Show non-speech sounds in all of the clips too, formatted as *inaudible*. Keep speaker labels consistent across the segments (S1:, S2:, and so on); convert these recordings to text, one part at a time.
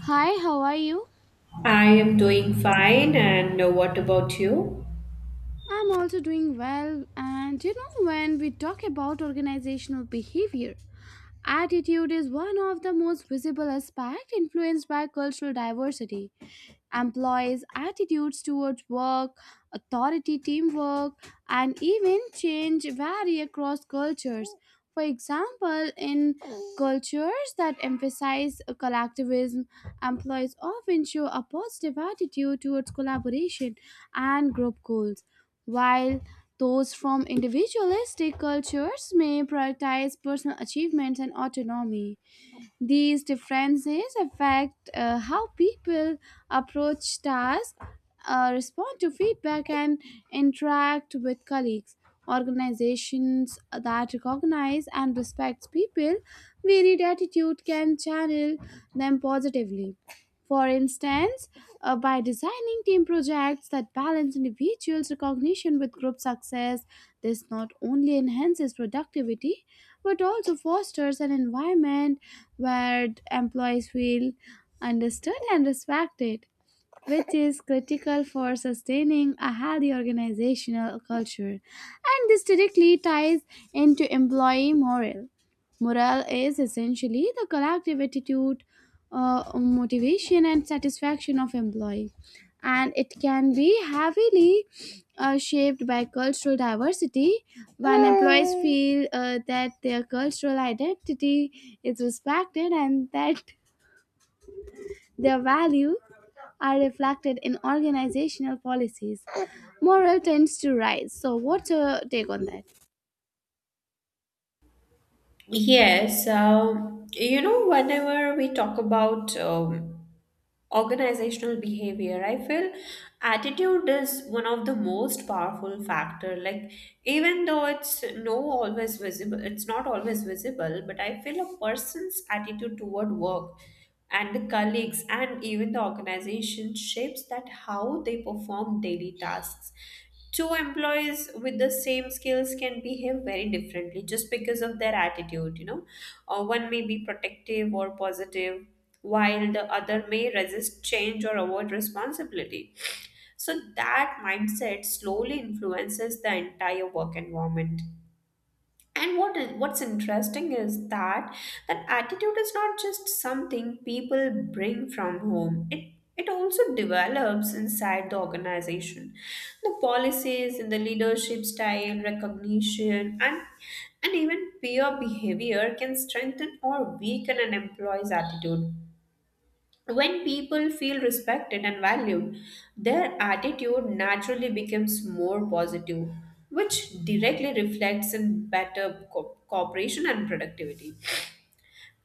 S1: Hi, how are you?
S2: I am doing fine, and what about you?
S1: I'm also doing well, and you know, when we talk about organizational behavior, attitude is one of the most visible aspects influenced by cultural diversity. Employees' attitudes towards work, authority, teamwork, and even change vary across cultures. For example, in cultures that emphasize collectivism, employees often show a positive attitude towards collaboration and group goals, while those from individualistic cultures may prioritize personal achievements and autonomy. These differences affect how people approach tasks, respond to feedback, and interact with colleagues. Organizations that recognize and respect people, varied attitude can channel them positively. For instance, by designing team projects that balance individuals' recognition with group success, this not only enhances productivity but also fosters an environment where employees feel understood and respected, which is critical for sustaining a healthy organizational culture. And this directly ties into employee morale. Morale is essentially the collective attitude, motivation, and satisfaction of employee, and it can be heavily shaped by cultural diversity. When employees feel that their cultural identity is respected and that their values are reflected in organizational policies. Morale tends to rise. So, what's your take on that?
S2: Yes, whenever we talk about organizational behavior I feel attitude is one of the most powerful factor, like even though it's no always visible it's not always visible, but I feel a person's attitude toward work and the colleagues and even the organization shapes that how they perform daily tasks. Two employees with the same skills can behave very differently just because of their attitude. One may be protective or positive, while the other may resist change or avoid responsibility. So that mindset slowly influences the entire work environment. And what's interesting is that attitude is not just something people bring from home. It also develops inside the organization. The policies and the leadership style, recognition, and even peer behavior can strengthen or weaken an employee's attitude. When people feel respected and valued, their attitude naturally becomes more positive, which directly reflects in better cooperation and productivity.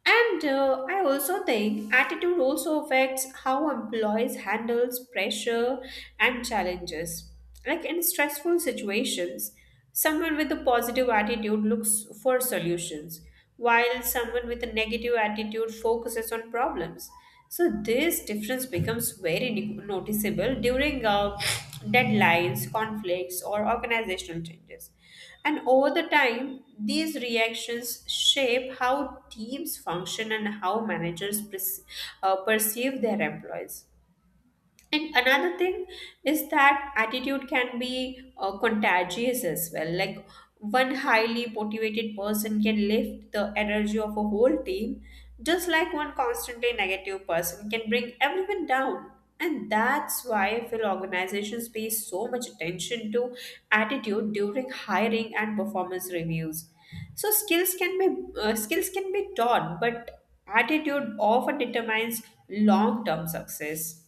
S2: And I also think attitude also affects how employees handles pressure and challenges. Like in stressful situations, someone with a positive attitude looks for solutions, while someone with a negative attitude focuses on problems. So this difference becomes very noticeable during deadlines, conflicts, or organizational changes. And over the time, these reactions shape how teams function and how perceive their employees. And another thing is that attitude can be contagious as well. Like one highly motivated person can lift the energy of a whole team, just like one constantly negative person can bring everyone down. And that's why I feel organizations pay so much attention to attitude during hiring and performance reviews. So skills can be taught, but attitude often determines long-term success.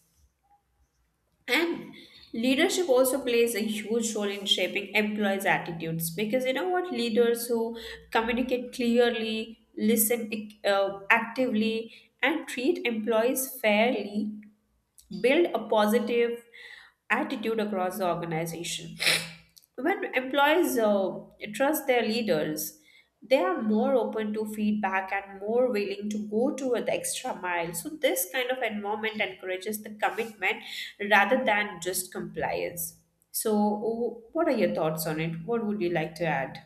S2: And leadership also plays a huge role in shaping employees' attitudes, because you know what, leaders who communicate clearly, listen actively, and treat employees fairly build a positive attitude across the organization. When employees trust their leaders, they are more open to feedback and more willing to go to the extra mile. So this kind of environment encourages the commitment rather than just compliance. So, what are your thoughts on it? What would you like to add?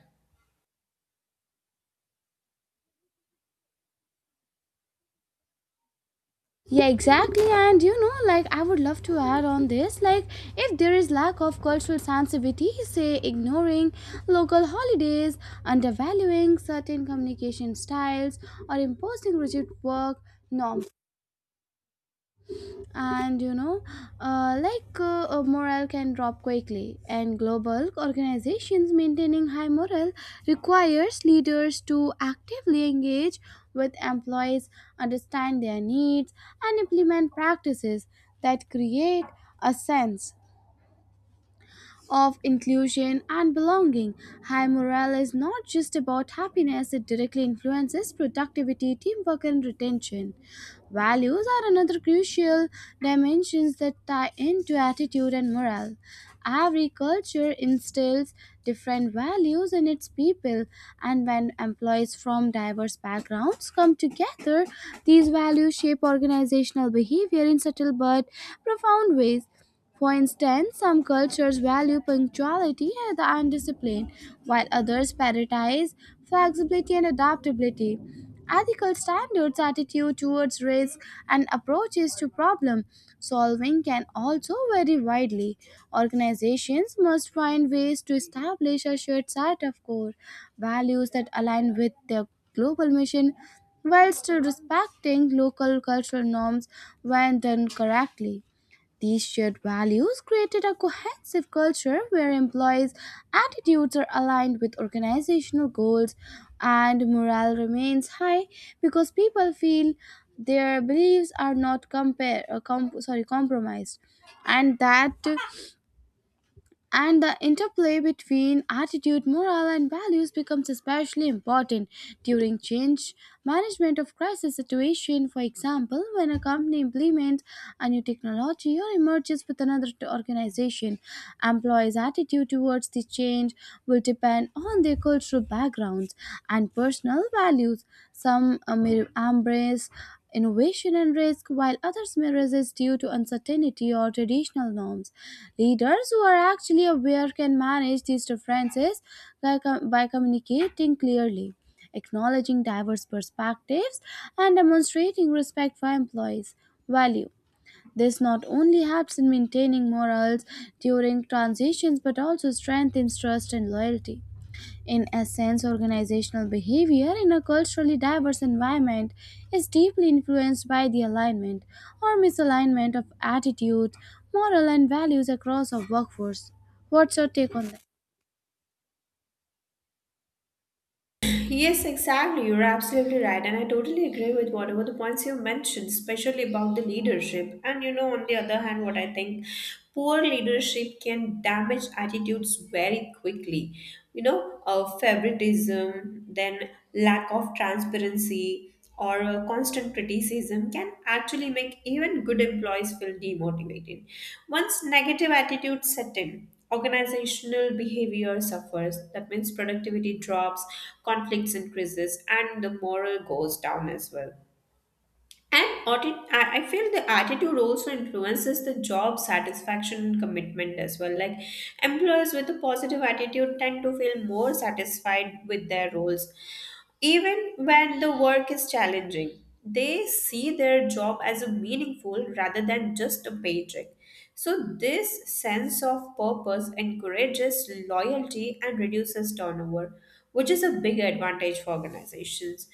S1: Yeah, exactly. And you know, like, I would love to add on this, like if there is lack of cultural sensitivity, say ignoring local holidays, undervaluing certain communication styles, or imposing rigid work norms, and you know morale can drop quickly and global organizations maintaining high morale requires leaders to actively engage with employees, understand their needs, and implement practices that create a sense of inclusion and belonging. High morale is not just about happiness, it directly influences productivity, teamwork, and retention. Values are another crucial dimensions that tie into attitude and morale. Every culture instills different values in its people, and when employees from diverse backgrounds come together, these values shape organizational behavior in subtle but profound ways. For instance, some cultures value punctuality and discipline, while others prioritize flexibility and adaptability. Ethical standards, attitude towards risk, and approaches to problem solving can also vary widely. Organizations must find ways to establish a shared set of core values that align with their global mission while still respecting local cultural norms when done correctly. These shared values created a cohesive culture where employees' attitudes are aligned with organizational goals and morale remains high because people feel their beliefs are not compromised. And that and the interplay between attitude, morale, and values becomes especially important during change management of crisis situation. For example, when a company implements a new technology or emerges with another organization, employees' attitude towards the change will depend on their cultural backgrounds and personal values. Some may embrace innovation and risk, while others may resist due to uncertainty or traditional norms. Leaders who are actually aware can manage these differences by communicating clearly, acknowledging diverse perspectives, and demonstrating respect for employees' value. This not only helps in maintaining morals during transitions but also strengthens trust and loyalty. In essence, organizational behavior in a culturally diverse environment is deeply influenced by the alignment or misalignment of attitudes, moral, and values across a workforce. What's your take on that?
S2: Yes, exactly. You're absolutely right. And I totally agree with whatever the points you mentioned, especially about the leadership. And you know, on the other hand, what I think, poor leadership can damage attitudes very quickly. You know, favoritism, then lack of transparency, or a constant criticism can actually make even good employees feel demotivated. Once negative attitudes set in, organizational behavior suffers. That means productivity drops, conflicts increases, and the morale goes down as well. And audit, I feel the attitude also influences the job satisfaction and commitment as well. Like employers with a positive attitude tend to feel more satisfied with their roles, even when the work is challenging. They see their job as a meaningful rather than just a paycheck. So this sense of purpose encourages loyalty and reduces turnover, which is a big advantage for organizations.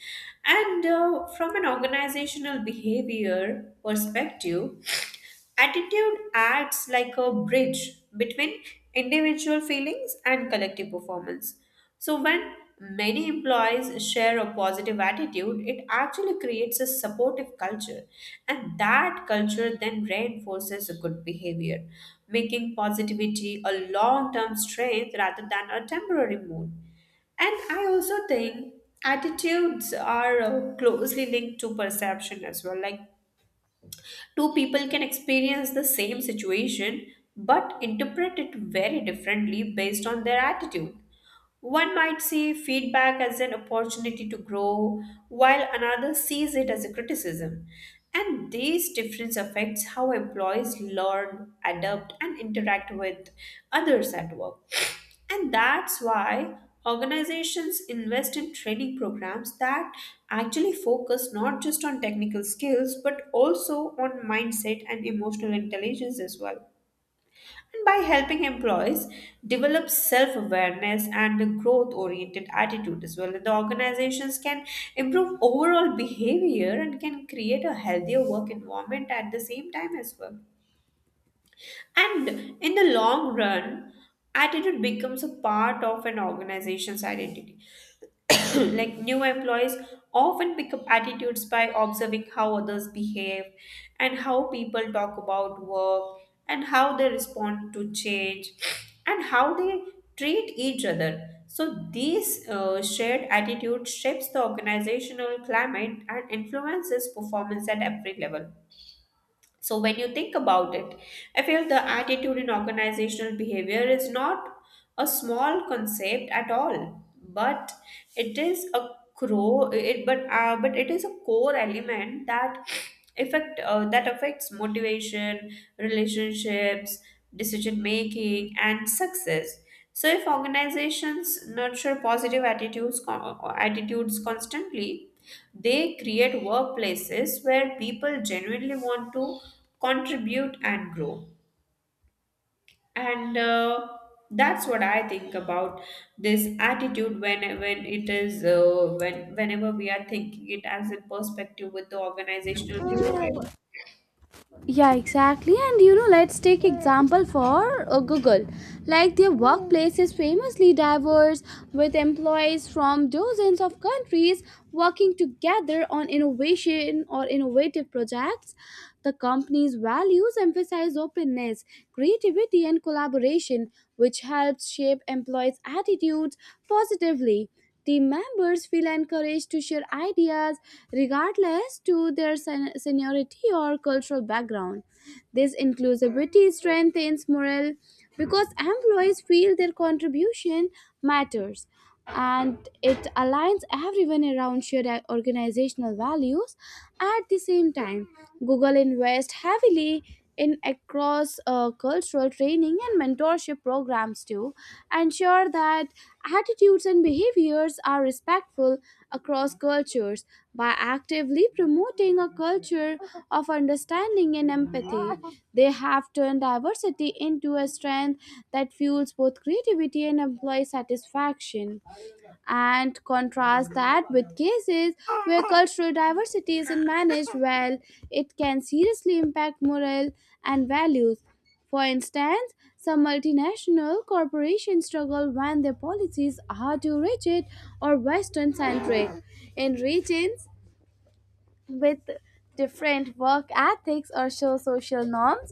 S2: And from an organizational behavior perspective, attitude acts like a bridge between individual feelings and collective performance. So, when many employees share a positive attitude, it actually creates a supportive culture, and that culture then reinforces a good behavior, making positivity a long term strength rather than a temporary mood. And I also think attitudes are closely linked to perception as well. Like two people can experience the same situation but interpret it very differently based on their attitude. One might see feedback as an opportunity to grow, while another sees it as a criticism. And these difference affects how employees learn, adapt, and interact with others at work. And that's why organizations invest in training programs that actually focus not just on technical skills but also on mindset and emotional intelligence as well. And by helping employees develop self awareness and a growth oriented attitude as well, the organizations can improve overall behavior and can create a healthier work environment at the same time as well. And in the long run, attitude becomes a part of an organization's identity. *coughs* Like new employees often pick up attitudes by observing how others behave and how people talk about work and how they respond to change and how they treat each other. So these shared attitude shapes the organizational climate and influences performance at every level. So when you think about it, I feel the attitude in organizational behavior is not a small concept at all, but it is a crow it but it is a core element that affect that affects motivation, relationships, decision making and success. So if organizations nurture positive attitudes constantly, they create workplaces where people genuinely want to contribute and grow. And that's what I think about this attitude when it is whenever we are thinking it as a perspective with the organizational behavior.
S1: Yeah, exactly, and you know, let's take example for Google. Like their workplace is famously diverse, with employees from dozens of countries working together on innovation or innovative projects. The company's values emphasize openness, creativity, and collaboration, which helps shape employees attitudes positively. Team members feel encouraged to share ideas regardless to their seniority or cultural background. This inclusivity strengthens morale because employees feel their contribution matters and it aligns everyone around shared organizational values. At the same time, Google invests heavily in across cultural training and mentorship programs to ensure that attitudes and behaviors are respectful across cultures. By actively promoting a culture of understanding and empathy, they have turned diversity into a strength that fuels both creativity and employee satisfaction. And contrast that with cases where cultural diversity isn't managed well, it can seriously impact morale and values. For instance, some multinational corporations struggle when their policies are too rigid or Western centric. In regions with different work ethics or social norms,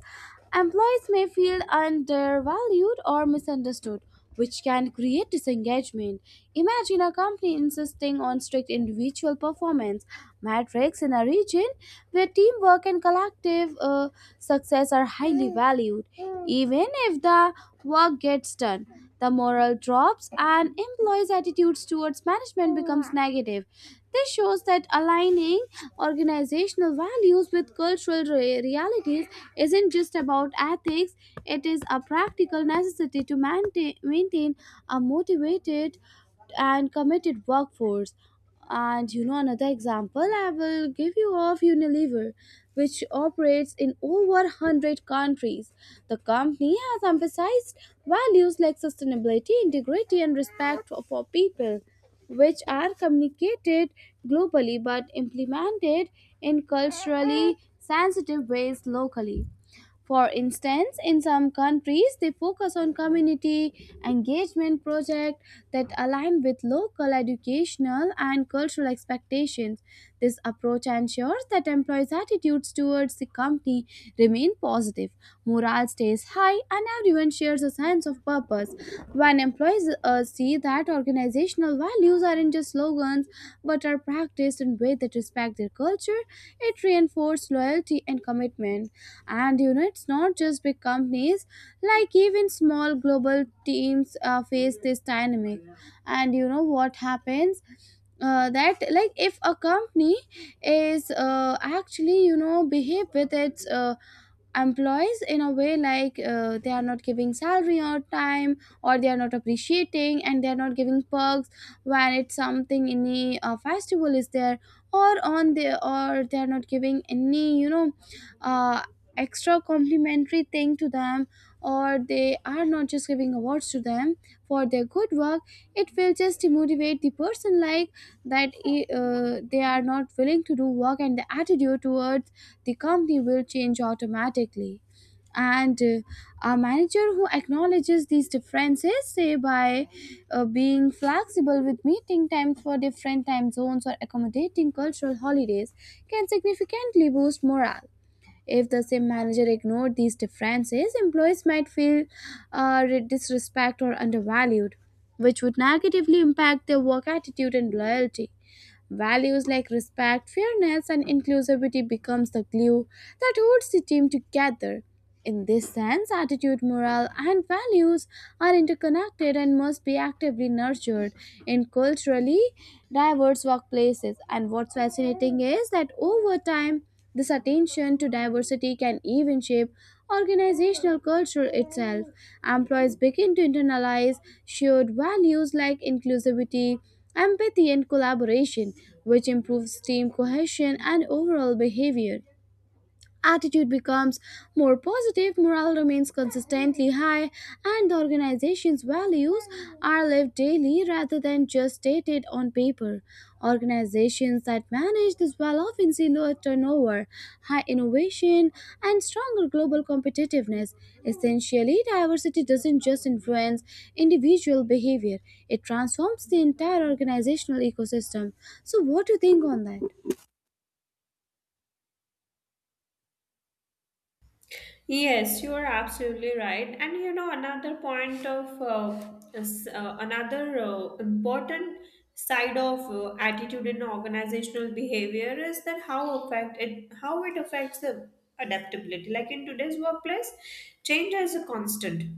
S1: employees may feel undervalued or misunderstood, which can create disengagement. Imagine a company insisting on strict individual performance metrics in a region where teamwork and collective success are highly valued. Even if the work gets done, the morale drops and employees' attitudes towards management becomes negative. This shows that aligning organizational values with cultural realities isn't just about ethics, it is a practical necessity to maintain a motivated and committed workforce. And you know, another example I will give you of Unilever, which operates in over 100 countries. The company has emphasized values like sustainability, integrity, and respect for people, which are communicated globally but implemented in culturally sensitive ways locally. For instance, in some countries, they focus on community engagement projects that align with local educational and cultural expectations. This approach ensures that employees' attitudes towards the company remain positive, morale stays high, and everyone shares a sense of purpose. When employees see that organizational values aren't just slogans but are practiced in ways that respect their culture, it reinforces loyalty and commitment. And you know, it's not just big companies, like even small global teams face this dynamic. And you know what happens, that like, if a company is actually, you know, behave with its employees in a way, like they are not giving salary or time, or they are not appreciating, and they are not giving perks when it's something, any festival is there, or on the, or they are not giving any, you know, uh, extra complimentary thing to them, or they are not just giving awards to them for their good work, it will just demotivate the person. Like they are not willing to do work and the attitude towards the company will change automatically. And a manager who acknowledges these differences, say by being flexible with meeting times for different time zones or accommodating cultural holidays, can significantly boost morale. If the same manager ignored these differences, employees might feel disrespect or undervalued, which would negatively impact their work attitude and loyalty. Values like respect, fairness, and inclusivity becomes the glue that holds the team together. In this sense, attitude, morale, and values are interconnected and must be actively nurtured in culturally diverse workplaces. And what's fascinating is that over time, this attention to diversity can even shape organizational culture itself. Employees begin to internalize shared values like inclusivity, empathy, and collaboration, which improves team cohesion and overall behavior. Attitude becomes more positive, morale remains consistently high, and the organization's values are lived daily rather than just stated on paper. Organizations that manage this well often see lower turnover, high innovation, and stronger global competitiveness. Essentially, diversity doesn't just influence individual behavior, it transforms the entire organizational ecosystem. So, what do you think on that?
S2: Yes, you are absolutely right. And you know, another point another important side of attitude in organizational behavior is that how it affects the adaptability. Like in today's workplace, change is a constant.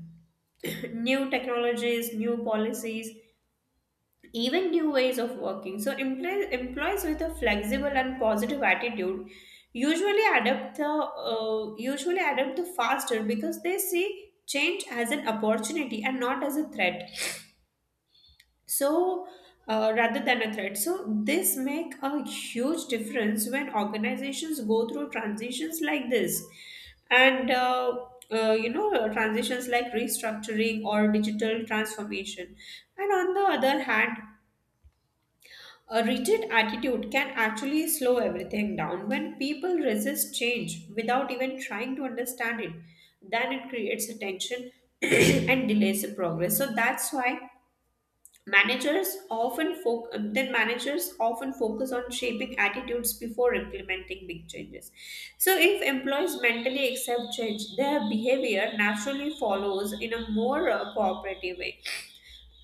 S2: *clears throat* New technologies, new policies, even new ways of working. So, employees with a flexible and positive attitude usually adapt the faster because they see change as an opportunity and not as a threat. So, rather than a threat, so this make a huge difference when organizations go through transitions like this, and you know, transitions like restructuring or digital transformation. And on the other hand, a rigid attitude can actually slow everything down. When people resist change without even trying to understand it, then it creates a tension *clears throat* and delays the progress. So that's why managers often fo- then managers often focus on shaping attitudes before implementing big changes. So if employees mentally accept change, their behavior naturally follows in a more cooperative way,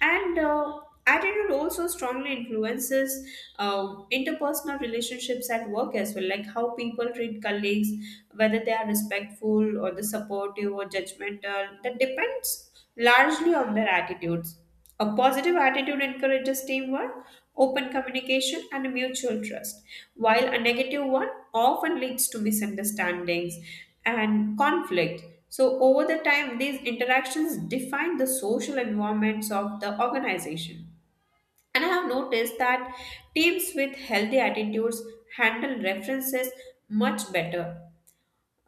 S2: and attitude also strongly influences uh, interpersonal relationships at work as well, like how people treat colleagues, whether they are respectful or the supportive or judgmental. That depends largely on their attitudes. A positive attitude encourages teamwork, open communication and mutual trust, while a negative one often leads to misunderstandings and conflict. So, over the time, these interactions define the social environments of the organization. And I have noticed that teams with healthy attitudes handle references much better.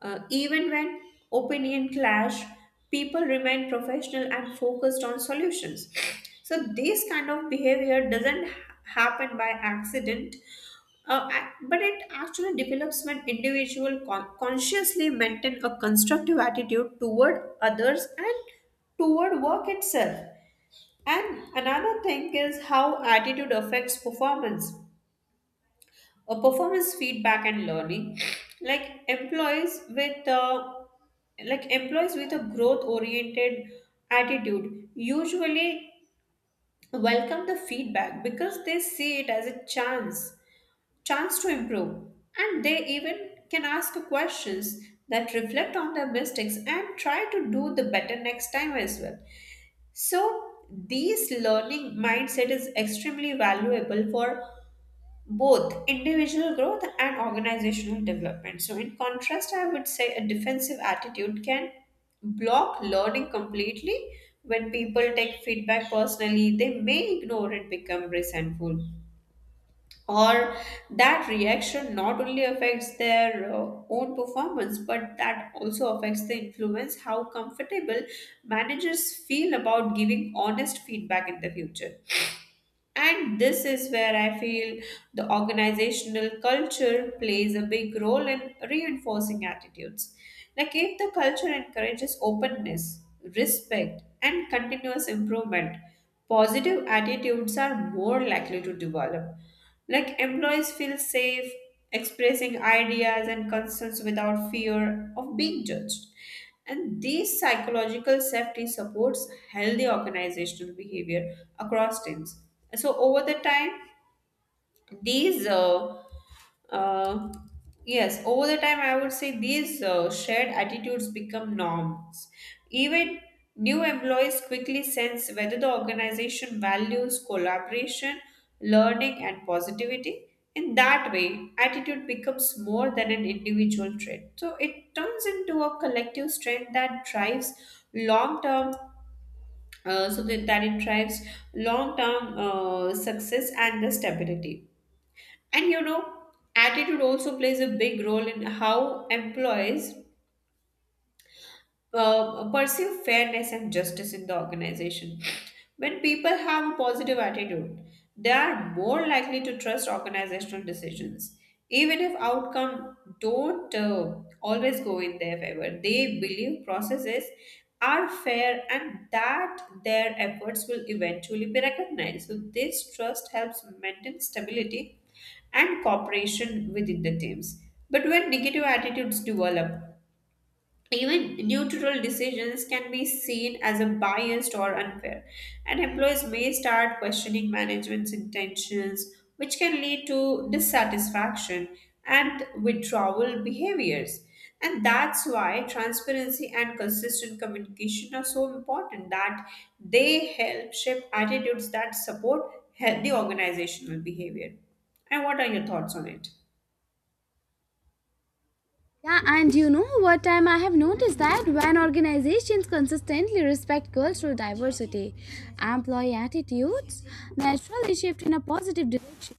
S2: Even when opinion clash, people remain professional and focused on solutions. So this kind of behavior doesn't happen by accident, but it actually develops when consciously maintain a constructive attitude toward others and toward work itself. And another thing is how attitude affects performance, a performance feedback and learning. *sniffs* like employees with uh, like employees with a growth oriented attitude usually welcome the feedback because they see it as a chance to improve, and they even can ask questions that reflect on their mistakes and try to do the better next time as well. So these learning mindset is extremely valuable for both individual growth and organizational development. So, in contrast, I would say a defensive attitude can block learning completely. When people take feedback personally, they may ignore it, become resentful. Or that reaction not only affects their own performance, but that also affects the influence how comfortable managers feel about giving honest feedback in the future. And this is where I feel the organizational culture plays a big role in reinforcing attitudes. Like, if the culture encourages openness, respect, and continuous improvement, positive attitudes are more likely to develop. Like employees feel safe expressing ideas and concerns without fear of being judged. And this psychological safety supports healthy organizational behavior across teams. So over the time, these uh, yes over the time I would say these shared attitudes become norms. Even new employees quickly sense whether the organization values collaboration, learning and positivity. In that way attitude becomes more than an individual trait, so it turns into a collective strength that drives long term so that, that it drives long term success and the stability. And you know, attitude also plays a big role in how employees pursue fairness and justice in the organization. When people have a positive attitude, they are more likely to trust organizational decisions. Even if outcome don't always go in their favor, they believe processes are fair and that their efforts will eventually be recognized. So this trust helps maintain stability and cooperation within the teams. But when negative attitudes develop, even neutral decisions can be seen as a biased or unfair, and employees may start questioning management's intentions, which can lead to dissatisfaction and withdrawal behaviors. And that's why transparency and consistent communication are so important that they help shape attitudes that support healthy organizational behavior. And what are your thoughts on it?
S1: Yeah, and you know, what time I have noticed that when organizations consistently respect cultural diversity, employee attitudes naturally shift in a positive direction.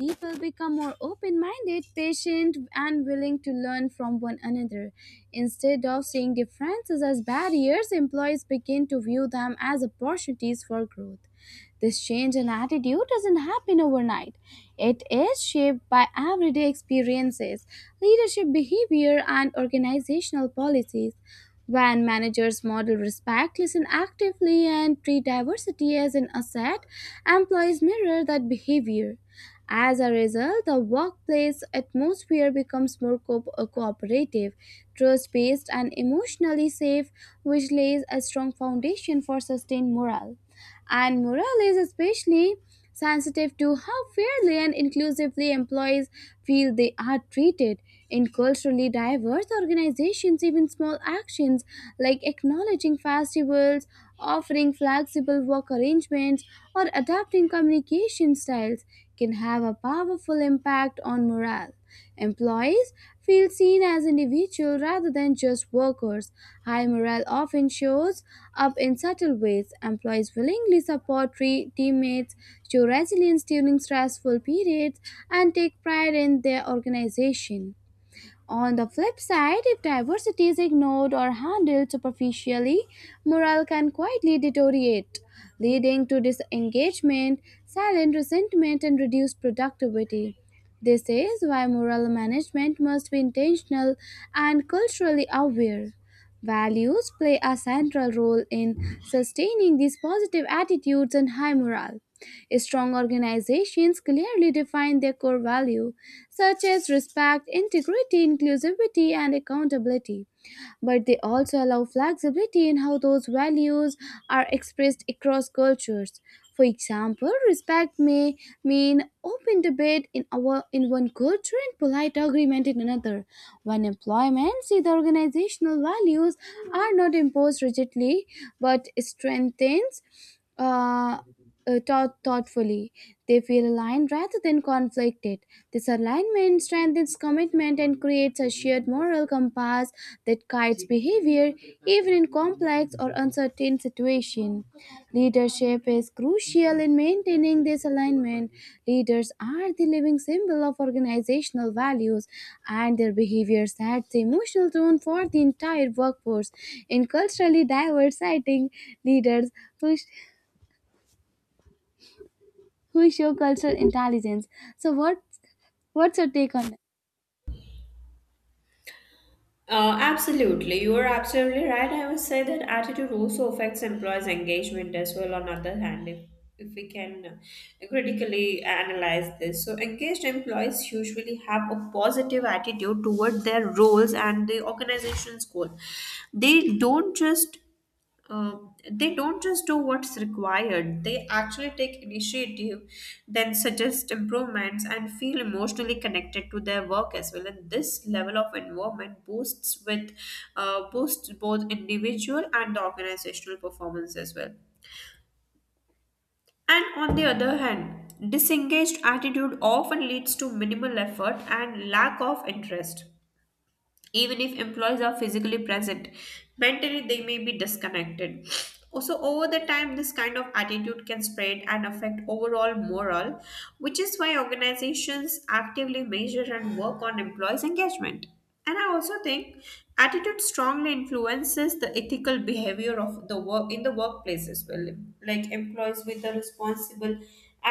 S1: People become more open minded, patient, and willing to learn from one another. Instead of seeing differences as barriers, employees begin to view them as opportunities for growth. This change in attitude doesn't happen overnight. It is shaped by everyday experiences, leadership behavior, and organizational policies. When managers model respect, listen actively, and treat diversity as an asset, employees mirror that behavior. As a result, the workplace atmosphere becomes more cooperative, trust based, and emotionally safe, which lays a strong foundation for sustained morale. And morale is especially sensitive to how fairly and inclusively employees feel they are treated. In culturally diverse organizations, even small actions like acknowledging festivals, offering flexible work arrangements, or adapting communication styles can have a powerful impact on morale. Employees feel seen as individuals rather than just workers. High morale often shows up in subtle ways. Employees willingly support teammates, show resilience during stressful periods, and take pride in their organization. On the flip side, if diversity is ignored or handled superficially, morale can quietly deteriorate, leading to disengagement, silent resentment, and reduced productivity. This is why moral management must be intentional and culturally aware. Values play a central role in sustaining these positive attitudes and high morale. Strong organizations clearly define their core value, such as respect, integrity, inclusivity, and accountability. But they also allow flexibility in how those values are expressed across cultures. For example, respect may mean open debate in our in one culture and polite agreement in another. When employment see the organizational values are not imposed rigidly but strengthens uh, thoughtfully, they feel aligned rather than conflicted. This alignment strengthens commitment and creates a shared moral compass that guides behavior even in complex or uncertain situations. Leadership is crucial in maintaining this alignment. Leaders are the living symbol of organizational values, and their behavior sets the emotional tone for the entire workforce. In culturally diverse setting, leaders push who show cultural intelligence. So what's your take on that?
S2: Absolutely, you are absolutely right. I would say that attitude also affects employees' engagement as well. On other hand, if we can critically analyze this, so engaged employees usually have a positive attitude toward their roles and the organization's goal. They don't just uh, do what's required. They actually take initiative, then suggest improvements and feel emotionally connected to their work as well. And this level of involvement boosts both individual and the organizational performance as well. And on the other hand, disengaged attitude often leads to minimal effort and lack of interest. Even if employees are physically present, mentally they may be disconnected. Also, over the time, this kind of attitude can spread and affect overall morale, which is why organizations actively measure and work on employees engagement. And I also think attitude strongly influences the ethical behavior of the workplace as well. Like, employees with a responsible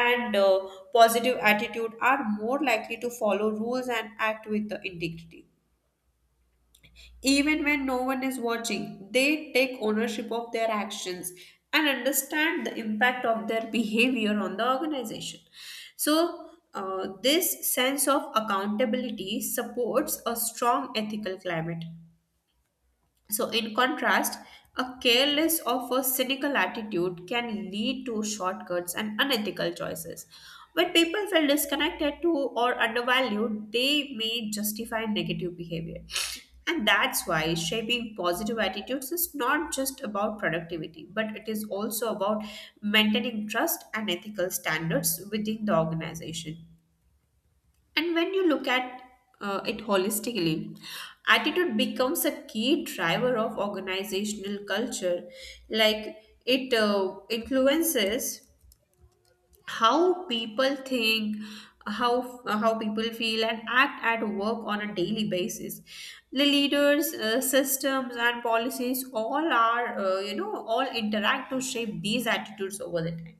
S2: and positive attitude are more likely to follow rules and act with the integrity. Even when no one is watching, they take ownership of their actions and understand the impact of their *laughs* behavior on the organization. So, this sense of accountability supports a strong ethical climate. So, in contrast, a careless or a cynical attitude can lead to shortcuts and unethical choices. When people feel disconnected to or undervalued, they may justify negative behavior. And that's why shaping positive attitudes is not just about productivity, but it is also about maintaining trust and ethical standards within the organization. And when you look at it holistically, attitude becomes a key driver of organizational culture. Like, it influences how people think, how people feel and act at work on a daily basis. The leaders, systems and policies all are, you know, all interact to shape these attitudes over the time.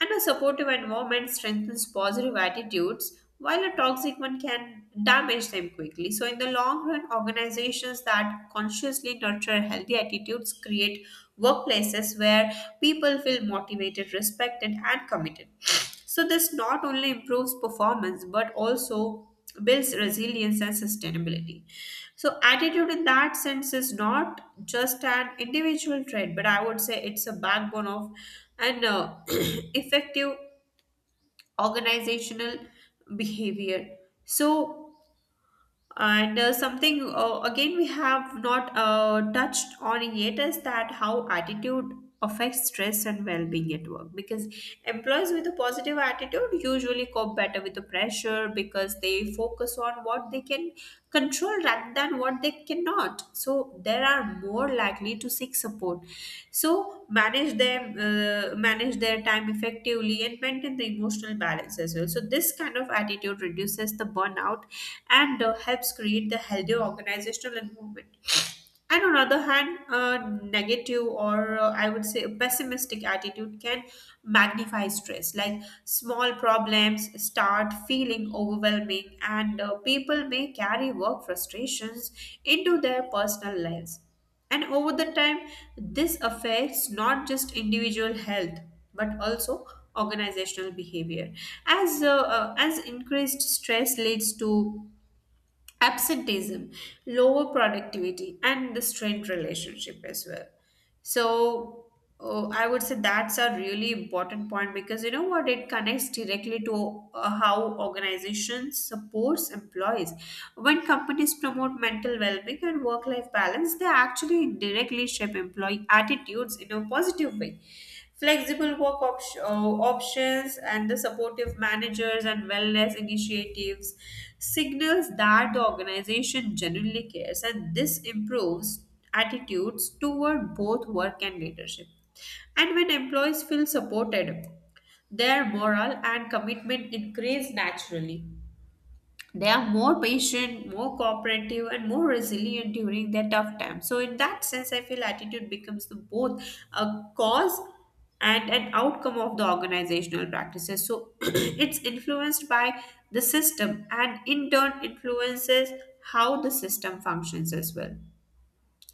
S2: And a supportive environment strengthens positive attitudes, while a toxic one can damage them quickly. So in the long run, organizations that consciously nurture healthy attitudes create workplaces where people feel motivated, respected, and committed. So this not only improves performance but also builds resilience and sustainability. So attitude in that sense is not just an individual trait, but I would say it's a backbone of an *clears throat* effective organizational behavior. So, and something again we have not touched on yet is that how attitude affects stress and well-being at work. Because employees with a positive attitude usually cope better with the pressure, because they focus on what they can control rather than what they cannot. So they are more likely to seek support. So manage their time effectively, and maintain the emotional balance as well. So this kind of attitude reduces the burnout and helps create the healthy organizational environment. And on other hand, a negative or I would say a pessimistic attitude can magnify stress. Like, small problems start feeling overwhelming, and people may carry work frustrations into their personal lives. And over the time, this affects not just individual health but also organizational behavior. As increased stress leads to absenteeism, lower productivity, and the strained relationship as well. So, oh, I would say that's a really important point, because you know what? It connects directly to how organizations supports employees. When companies promote mental well-being and work-life balance, they actually directly shape employee attitudes in a positive way. Flexible work op- options and the supportive managers and wellness initiatives signals that the organization genuinely cares, and this improves attitudes toward both work and leadership. And when employees feel supported, their morale and commitment increase naturally. They are more patient, more cooperative, and more resilient during their tough time. So in that sense, I feel attitude becomes the both a cause and an outcome of the organizational practices. So, *clears throat* it's influenced by the system and in turn influences how the system functions as well.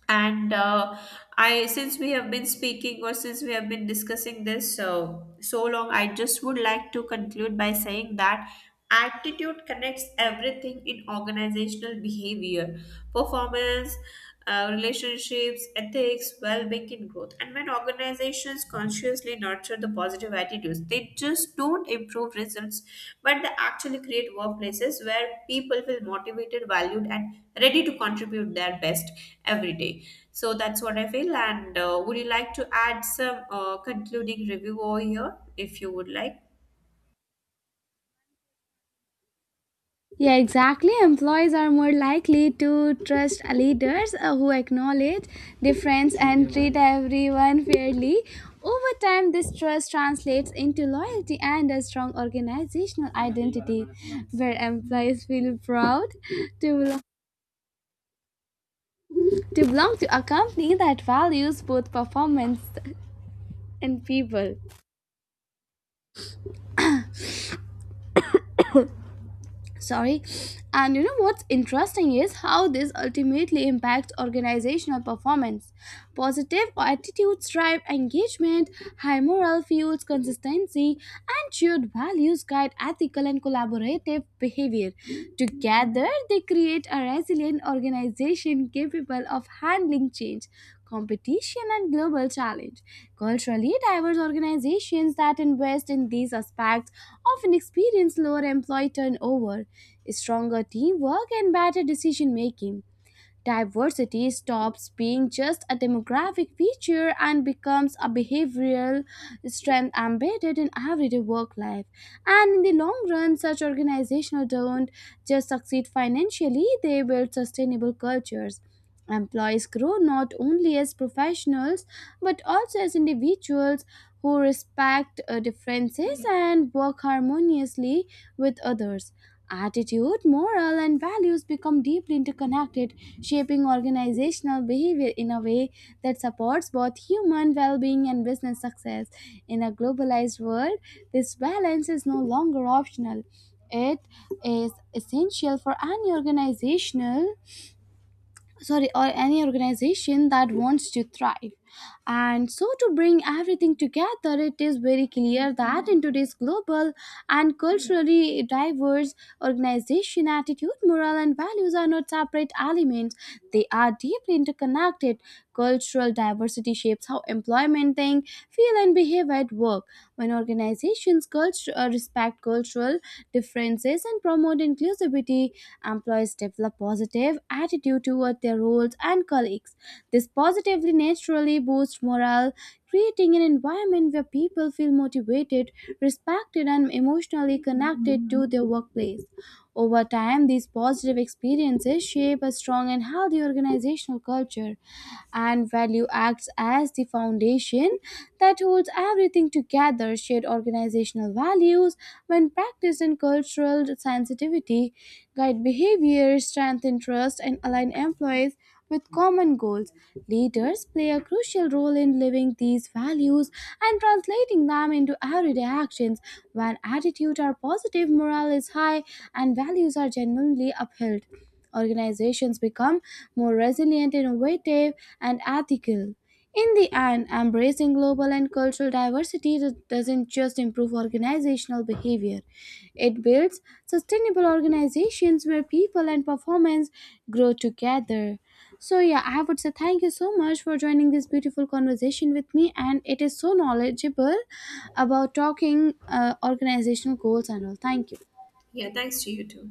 S2: And I, since we have been speaking, or since we have been discussing this so so long, I just would like to conclude by saying that attitude connects everything in organizational behavior: performance, relationships, ethics, well-being and growth. And when organizations consciously nurture the positive attitudes, they just don't improve results, but they actually create workplaces where people feel motivated, valued, and ready to contribute their best every day. So that's what I feel. And would you like to add some concluding review over here if you would like?
S1: Yeah, exactly. Employees are more likely to trust leaders who acknowledge difference and treat everyone fairly. Over time, this trust translates into loyalty and a strong organizational identity, where employees feel proud to belong, to belong to a company that values both performance and people. Sorry. And you know, what's interesting is how this ultimately impacts organizational performance. Positive attitudes drive engagement, high morale fuels consistency, and shared values guide ethical and collaborative behavior. Together they create a resilient organization capable of handling change, competition, and global challenge. Culturally diverse organizations that invest in these aspects often experience lower employee turnover, stronger teamwork, and better decision making. Diversity stops being just a demographic feature and becomes a behavioral strength embedded in everyday work life. And in the long run, such organizations don't just succeed financially, they build sustainable cultures. Employees grow not only as professionals but also as individuals who respect differences and work harmoniously with others. Attitude, moral, and values become deeply interconnected, shaping organizational behavior in a way that supports both human well being and business success. In a globalized world, this balance is no longer optional. It is essential for any organizational sorry or any organization that wants to thrive. And so, to bring everything together, it is very clear that in today's global and culturally diverse organization, attitude, moral, and values are not separate elements, they are deeply interconnected. Cultural diversity shapes how employment think, feel, and behave at work. When organizations respect cultural differences and promote inclusivity, employees develop positive attitude toward their roles and colleagues. This positively naturally boosts morale, creating an environment where people feel motivated, respected, and emotionally connected to their workplace. Over time, these positive experiences shape a strong and healthy organizational culture, and value acts as the foundation that holds everything together. Shared organizational values, when practiced in cultural sensitivity, guide behavior, strengthen trust, and align employees with common goals. Leaders play a crucial role in living these values and translating them into everyday actions. When attitudes are positive, morale is high, and values are genuinely upheld, organizations become more resilient, innovative, and ethical. In the end, embracing global and cultural diversity doesn't just improve organizational behavior, it builds sustainable organizations where people and performance grow together. So, yeah, I would say thank you so much for joining this beautiful conversation with me. And it is so knowledgeable about talking organizational goals and all. Thank you.
S2: Yeah, thanks to you too.